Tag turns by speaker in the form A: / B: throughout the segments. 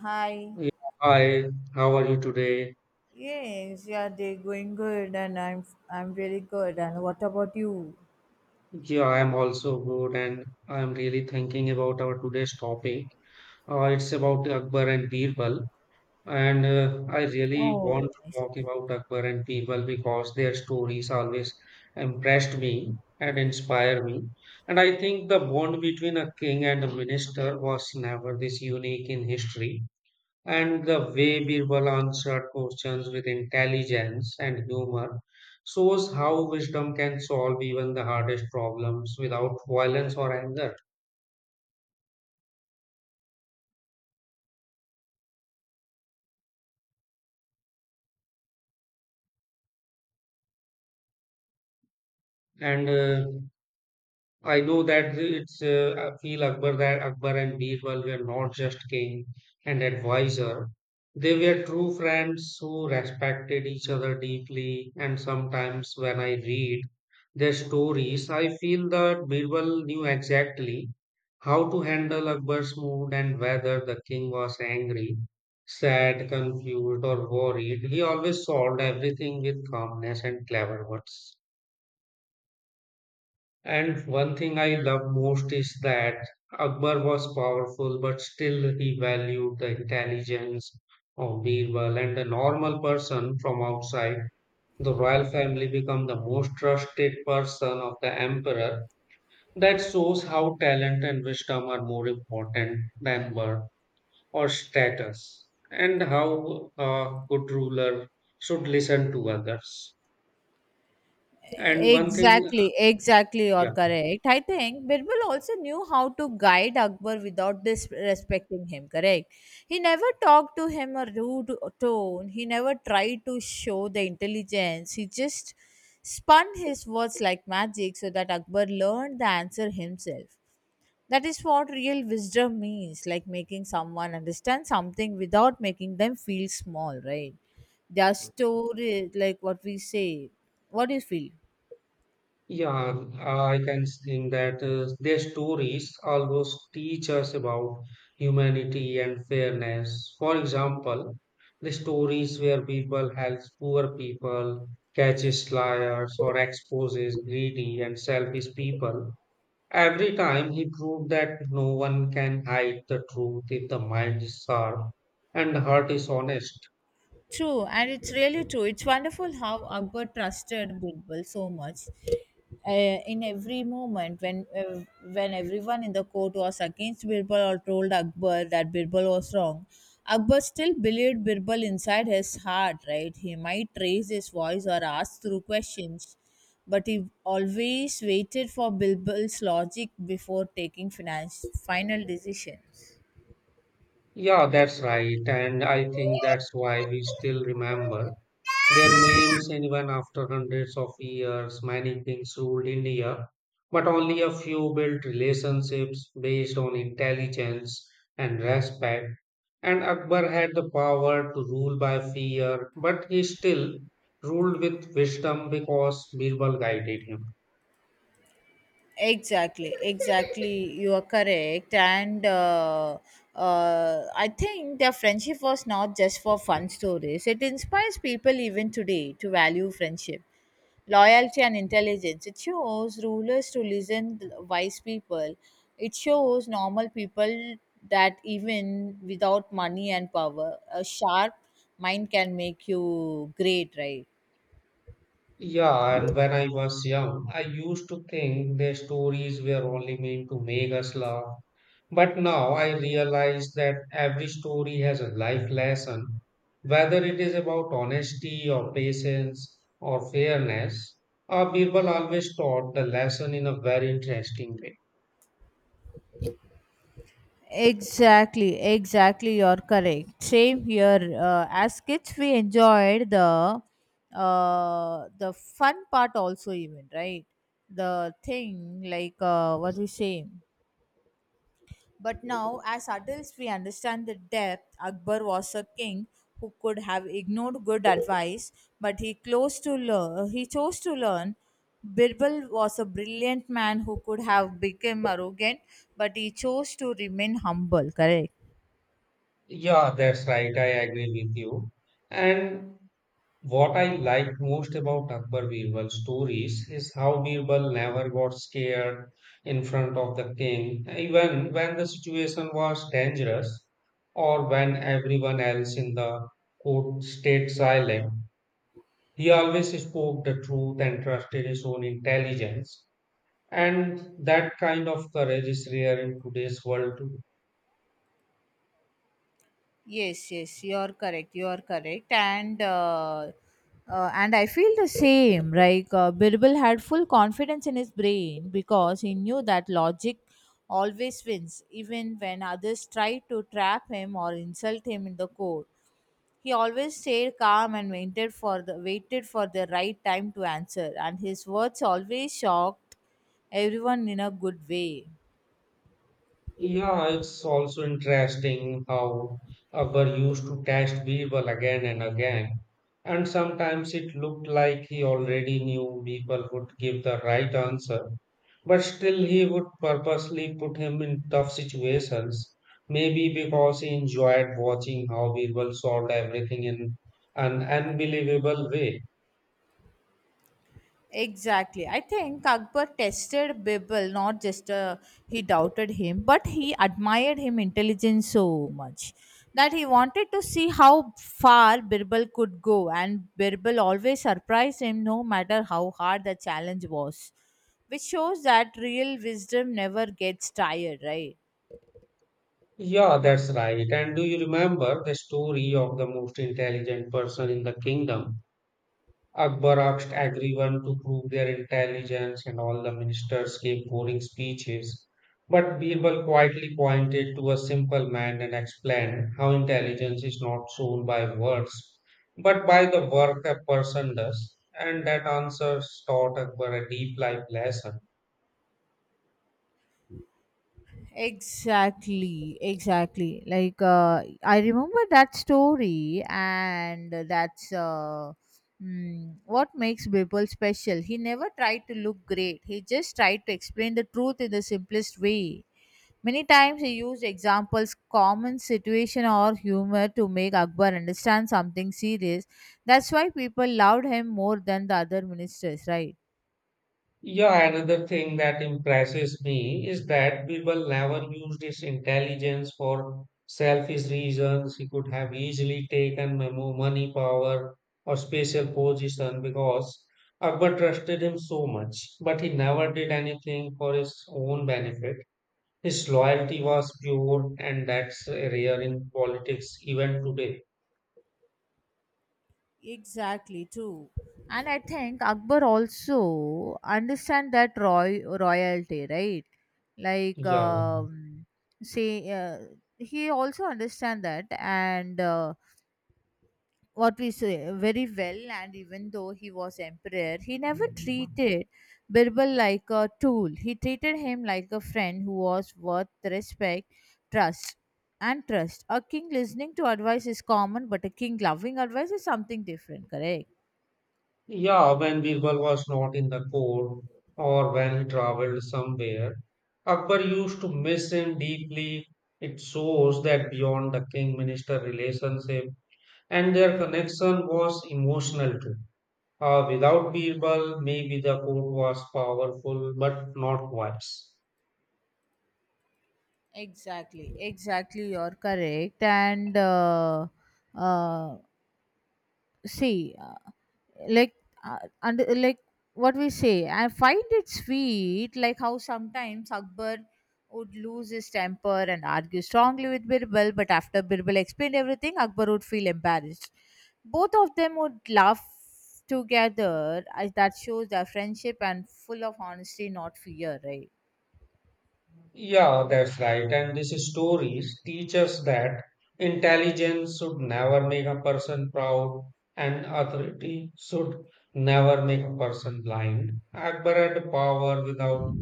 A: Hi.
B: Yeah, hi, how are you today?
A: Yes, yeah, they're going good and I'm really good. And what about you?
B: Yeah, I am also good, and I am really thinking about our today's topic. It's about Akbar and Birbal, and I really want
A: Oh,
B: to
A: nice.
B: talk about Akbar and Birbal because their stories always impressed me and inspired me. And I think the bond between a king and a minister was never this unique in history. And the way Birbal answered questions with intelligence and humor shows how wisdom can solve even the hardest problems without violence or anger. And I know that it's I feel Akbar that Akbar and Birbal were not just king and advisor. They were true friends who respected each other deeply. And sometimes when I read their stories, I feel that Birbal knew exactly how to handle Akbar's mood, and whether the king was angry, sad, confused, or worried, he always solved everything with calmness and clever words. And one thing I love most is that Akbar was powerful, but still he valued the intelligence of Birbal and a normal person from outside. The royal family became the most trusted person of the emperor. That shows how talent and wisdom are more important than birth or status, and how a good ruler should listen to others. And one thing,
A: Exactly, you're
B: yeah.
A: correct. I think Birbal also knew how to guide Akbar without disrespecting him, correct? He never talked to him a rude tone, he never tried to show the intelligence, he just spun his words like magic so that Akbar learned the answer himself. That is what real wisdom means, like making someone understand something without making them feel small, right? Their story, like what we say. What do you feel?
B: Yeah, I can think that their stories always teach us about humanity and fairness. For example, the stories where people helps poor people, catches liars, or exposes greedy and selfish people. Every time he proved that no one can hide the truth if the mind is sharp and the heart is honest.
A: True, and it's really true. It's wonderful how Akbar trusted Birbal so much. In every moment, when everyone in the court was against Birbal or told Akbar that Birbal was wrong, Akbar still believed Birbal inside his heart. Right? He might raise his voice or ask through questions, but he always waited for Birbal's logic before taking finance final decisions.
B: Yeah, that's right, and I think that's why we still remember their names even after hundreds of years. Many kings ruled India, but only a few built relationships based on intelligence and respect. And Akbar had the power to rule by fear, but he still ruled with wisdom because Birbal guided him.
A: Exactly you are correct and I think their friendship was not just for fun stories it inspires people even today to value friendship loyalty and intelligence it shows rulers to listen to wise people it shows normal people that even without money and power a sharp mind can make you great right.
B: Yeah, and when I was young, I used to think their stories were only meant to make us laugh. But now I realize that every story has a life lesson, whether it is about honesty or patience or fairness. Birbal always taught the lesson in a very interesting way.
A: Exactly, exactly. You're correct. Same here. As kids, we enjoyed the fun part also, even right. The thing, what we say. But now, as adults, we understand the depth. Akbar was a king who could have ignored good advice, but he close to learn. He chose to learn. Birbal was a brilliant man who could have become arrogant, but he chose to remain humble. Correct.
B: Yeah, that's right. I agree with you. And what I like most about Akbar Birbal's stories is how Birbal never got scared in front of the king, even when the situation was dangerous or when everyone else in the court stayed silent. He always spoke the truth and trusted his own intelligence, and that kind of courage is rare in today's world.
A: Yes, yes, you're correct. You're correct, and I feel the same. Birbal had full confidence in his brain because he knew that logic always wins, even when others try to trap him or insult him in the court. He always stayed calm and waited for the right time to answer, and his words always shocked everyone in a good way.
B: Yeah, it's also interesting how Akbar used to test Birbal again and again, and sometimes it looked like he already knew Birbal would give the right answer, but still he would purposely put him in tough situations, maybe because he enjoyed watching how Birbal solved everything in an unbelievable way.
A: Exactly. I think Akbar tested Bibel, not just he doubted him, but he admired him intelligence so much that he wanted to see how far Birbal could go and Birbal always surprised him no matter how hard the challenge was. Which shows that real wisdom never gets tired, right?
B: Yeah, that's right. And do you remember the story of the most intelligent person in the kingdom? Akbar asked everyone to prove their intelligence, and all the ministers gave boring speeches. But Birbal quietly pointed to a simple man and explained how intelligence is not shown by words, but by the work a person does. And that answer taught Akbar a deep life lesson.
A: Exactly, exactly. I remember that story, and that's what makes Bipul special. He never tried to look great. He just tried to explain the truth in the simplest way. Many times he used examples, common situation, or humor to make Akbar understand something serious. That's why people loved him more than the other ministers, right?
B: Yeah, another thing that impresses me is that people never used his intelligence for selfish reasons. He could have easily taken money, power, or special position because Akbar trusted him so much, but he never did anything for his own benefit. His loyalty was pure, and that's rare in politics even today.
A: Exactly, too. And I think Akbar also understand that royalty, right? Like,
B: Yeah.
A: um, say, uh, he also understand that and what we say very well. And even though he was emperor, he never treated Birbal like a tool. He treated him like a friend who was worth respect, trust, and trust. A king listening to advice is common, but a king loving advice is something different. Correct.
B: Yeah, when Birbal was not in the court or when he traveled somewhere, Akbar used to miss him deeply. It shows that beyond the king minister relationship and their connection was emotional too. Without Birbal, maybe the court was powerful but not wise.
A: Exactly, exactly. You're correct. And uh, see, like, and like what we say, I find it sweet, like how sometimes Akbar would lose his temper and argue strongly with Birbal, but after Birbal explained everything, Akbar would feel embarrassed. Both of them would laugh together, as that shows their friendship and full of honesty, not fear, right?
B: Yeah, that's right. And these stories teach us that intelligence should never make a person proud and authority should never make a person blind. Akbar had power without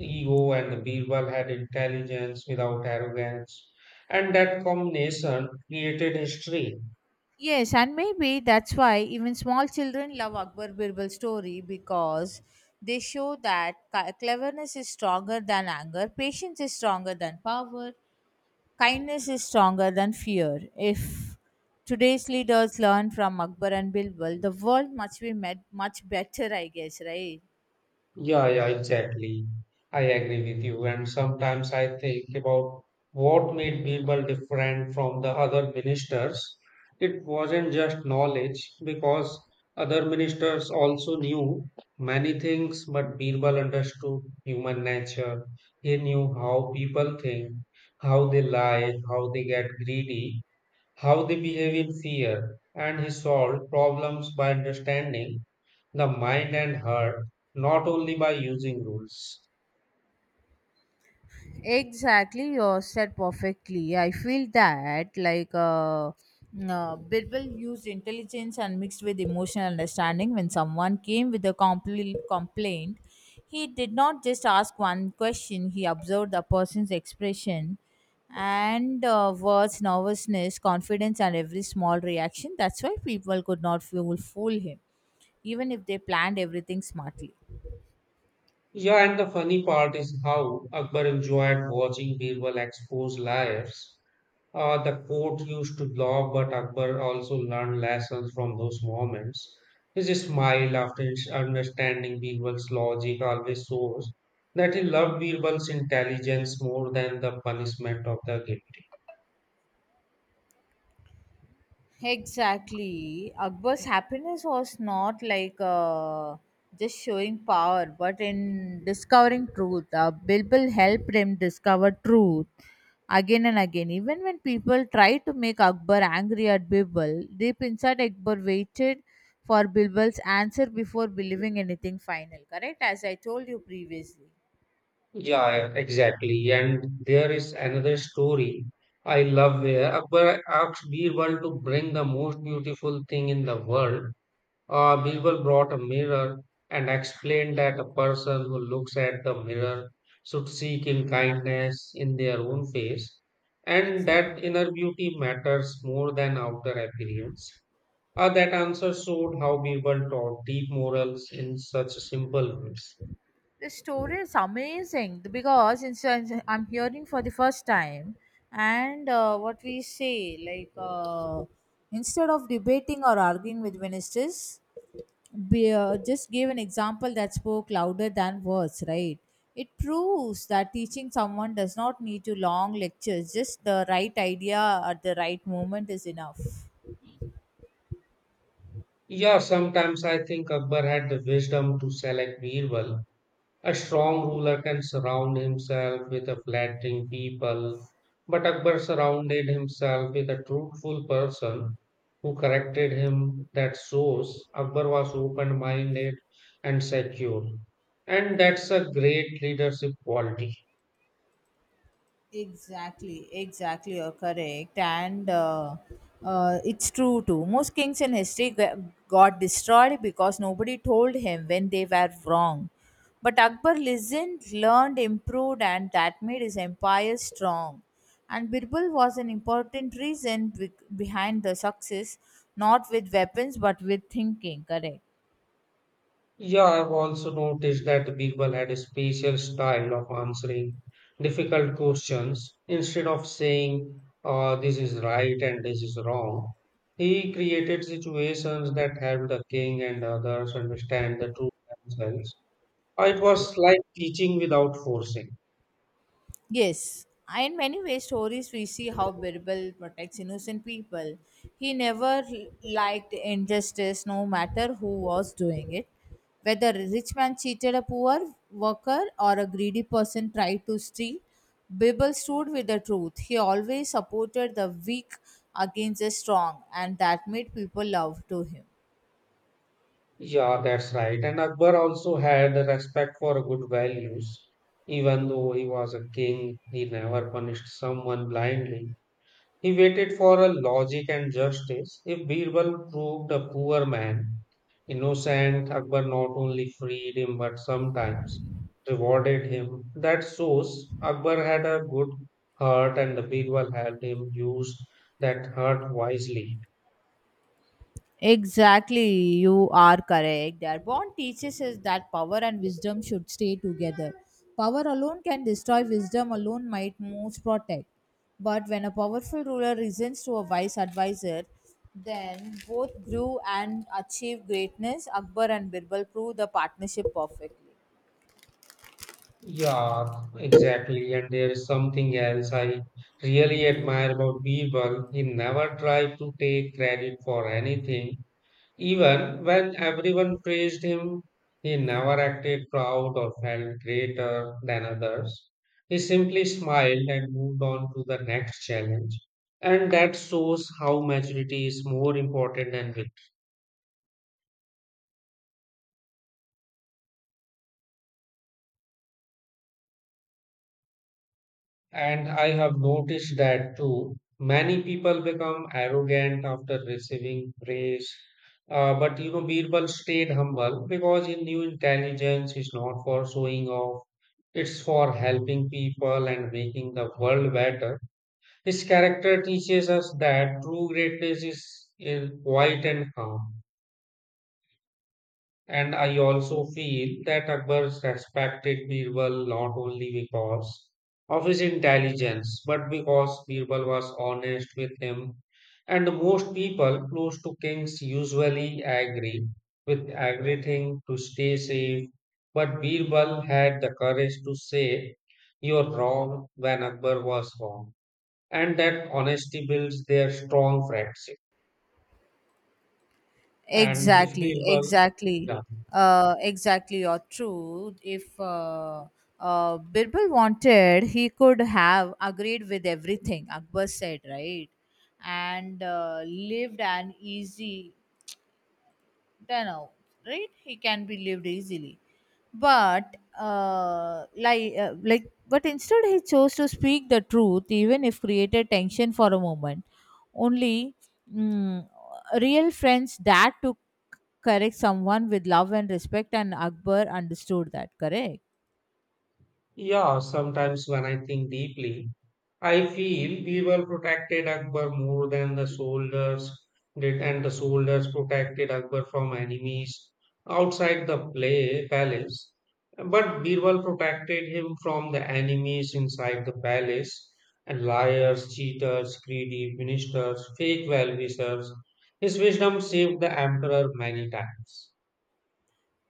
B: ego and Birbal had intelligence without arrogance. And that combination created history.
A: Yes, and maybe that's why even small children love Akbar Birbal story because they show that cleverness is stronger than anger, patience is stronger than power, kindness is stronger than fear. If today's leaders learn from Akbar and Birbal, the world must be met much better, I guess, right?
B: Yeah, yeah, exactly. I agree with you. And sometimes I think about what made Birbal different from the other ministers. It wasn't just knowledge, because other ministers also knew many things, but Birbal understood human nature. He knew how people think, how they lie, how they get greedy, how they behave in fear, and he solved problems by understanding the mind and heart, not only by using rules.
A: Exactly, you said perfectly. I feel that Birbal used intelligence and mixed with emotional understanding. When someone came with a complaint, he did not just ask one question. He observed the person's expression and words, nervousness, confidence, and every small reaction. That's why people could not fool him, even if they planned everything smartly.
B: Yeah, and the funny part is how Akbar enjoyed watching Birbal expose liars. The court used to laugh, but Akbar also learned lessons from those moments. His smile after his understanding Birbal's logic always shows that he loved Birbal's intelligence more than the punishment of the guilty.
A: Exactly. Akbar's happiness was not just showing power, but in discovering truth. Bilbil helped him discover truth again and again. Even when people tried to make Akbar angry at Bilbil, deep inside Akbar waited for Bilbil's answer before believing anything final. Correct? As I told you previously.
B: Yeah, yeah, exactly. And there is another story I love where Akbar asked Birbal to bring the most beautiful thing in the world. Birbal brought a mirror and explained that a person who looks at the mirror should seek in kindness in their own face and
A: Exactly.
B: that inner beauty matters more than outer appearance. That answer showed how Birbal taught deep morals in such simple words.
A: The story is amazing because in I'm hearing for the first time, and what we say, instead of debating or arguing with ministers, just gave an example that spoke louder than words, right? It proves that teaching someone does not need to long lectures; just the right idea at the right moment is enough.
B: Yeah, sometimes I think Akbar had the wisdom to select Birbal. A strong ruler can surround himself with a flattering people, but Akbar surrounded himself with a truthful person who corrected him. That shows Akbar was open minded and secure. And that's a great leadership quality.
A: Exactly, exactly, you're correct. And it's true too. Most kings in history got destroyed because nobody told him when they were wrong. But Akbar listened, learned, improved, and that made his empire strong. And Birbal was an important reason behind the success, not with weapons but with thinking, correct?
B: Yeah, I've also noticed that the people had a special style of answering difficult questions. Instead of saying, this is right and this is wrong, he created situations that helped the king and others understand the truth themselves. It was like teaching without forcing.
A: Yes, and in many ways, stories we see how Birbal protects innocent people. He never liked injustice, no matter who was doing it. Whether a rich man cheated a poor worker or a greedy person tried to steal, Birbal stood with the truth. He always supported the weak against the strong, and that made people love to him.
B: Yeah, that's right. And Akbar also had a respect for good values. Even though he was a king, he never punished someone blindly. He waited for a logic and justice. If Birbal proved a poor man innocent, Akbar not only freed him but sometimes rewarded him. That shows Akbar had a good heart and Birbal helped him use that heart wisely.
A: Exactly, you are correct. Their bond teaches us that power and wisdom should stay together. Power alone can destroy, wisdom alone might most protect. But when a powerful ruler listens to a wise advisor, then both grew and achieved greatness. Akbar and Birbal prove the partnership perfectly.
B: Yeah, exactly. And there is something else I really admire about Birbal. He never tried to take credit for anything. Even when everyone praised him, he never acted proud or felt greater than others. He simply smiled and moved on to the next challenge. And that shows how maturity is more important than victory. And I have noticed that too. Many people become arrogant after receiving praise. But you know, Birbal stayed humble because he knew intelligence is not for showing off. It's for helping people and making the world better. His character teaches us that true greatness is in quiet and calm. And I also feel that Akbar respected Birbal not only because of his intelligence, but because Birbal was honest with him. And most people close to kings usually agree with everything to stay safe. But Birbal had the courage to say, "You're wrong," when Akbar was wrong. And that honesty builds their strong friendship. And if
A: Exactly,
B: Birbal,
A: exactly,
B: yeah.
A: exactly. You're true. If Birbal wanted, he could have agreed with everything Akbar said, right? And lived an easy, you know, right? He can be lived easily, but but instead he chose to speak the truth, even if created tension for a moment. Only mm, real friends dare to correct someone with love and respect, and Akbar understood that, correct?
B: Yeah, sometimes when I think deeply, I feel we were protected Akbar more than the soldiers did, and the soldiers protected Akbar from enemies outside the play palace. But Birbal protected him from the enemies inside the palace and liars, cheaters, greedy ministers, fake well-wishers. His wisdom saved the emperor many times.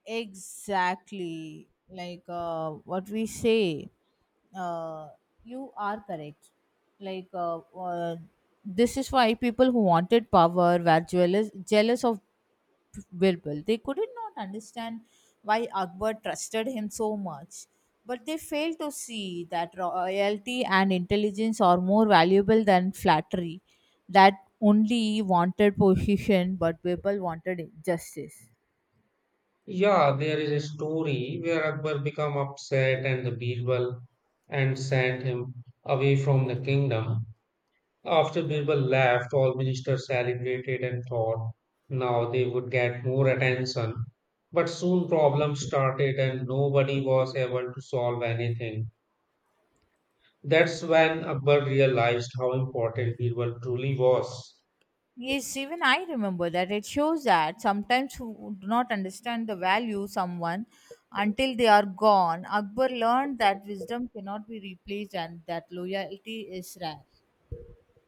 A: Exactly. What we say, uh, you are correct. Like uh, uh, This is why people who wanted power were jealous of Birbal. They could not understand why Akbar trusted him so much, but they failed to see that royalty and intelligence are more valuable than flattery. That only wanted position, but Birbal wanted justice.
B: Yeah, there is a story where Akbar became upset and the Birbal and sent him away from the kingdom. After Birbal left, all ministers celebrated and thought now they would get more attention. But soon problems started and nobody was able to solve anything. That's when Akbar realized how important Birbal truly was.
A: Yes, even I remember that. It shows that sometimes who do not understand the value someone until they are gone. Akbar learned that wisdom cannot be replaced and that loyalty is rare.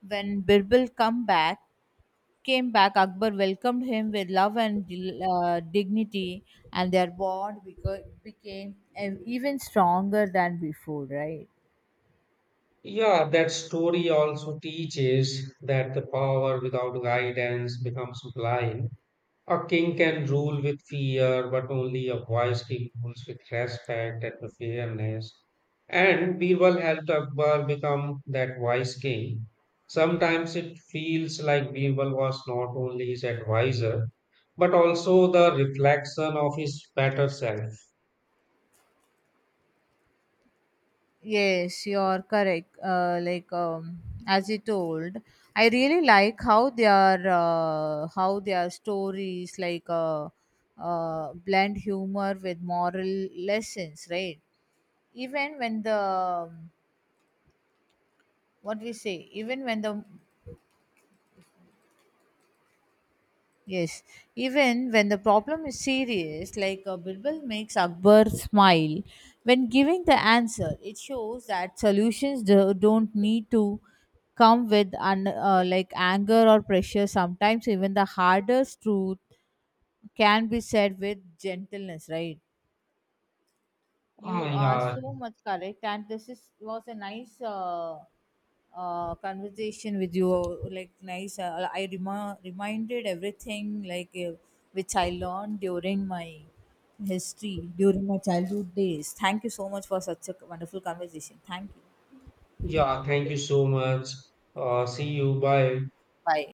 A: When Birbal come back, came back, Akbar welcomed him with love and dignity, and their bond became even stronger than before, right?
B: Yeah, that story also teaches that the power without guidance becomes blind. A king can rule with fear, but only a wise king rules with respect and with fairness. And Birbal helped Akbar become that wise king. Sometimes it feels like Birbal was not only his advisor, but also the reflection of his better self.
A: Yes, you're correct. As you told, I really like how their how their stories blend humor with moral lessons, right? Even when the what we say, even when the Yes, even when the problem is serious, Birbal makes Akbar smile when giving the answer, it shows that solutions don't need to come with anger or pressure. Sometimes even the hardest truth can be said with gentleness, right?
B: Ah,
A: You are
B: yeah,
A: so much correct, and this is was a nice conversation with you. I reminded everything which I learned during my history during my childhood days. Thank you so much for such a wonderful conversation. Thank you.
B: yeah, thank you so much. See you, bye.
A: Bye.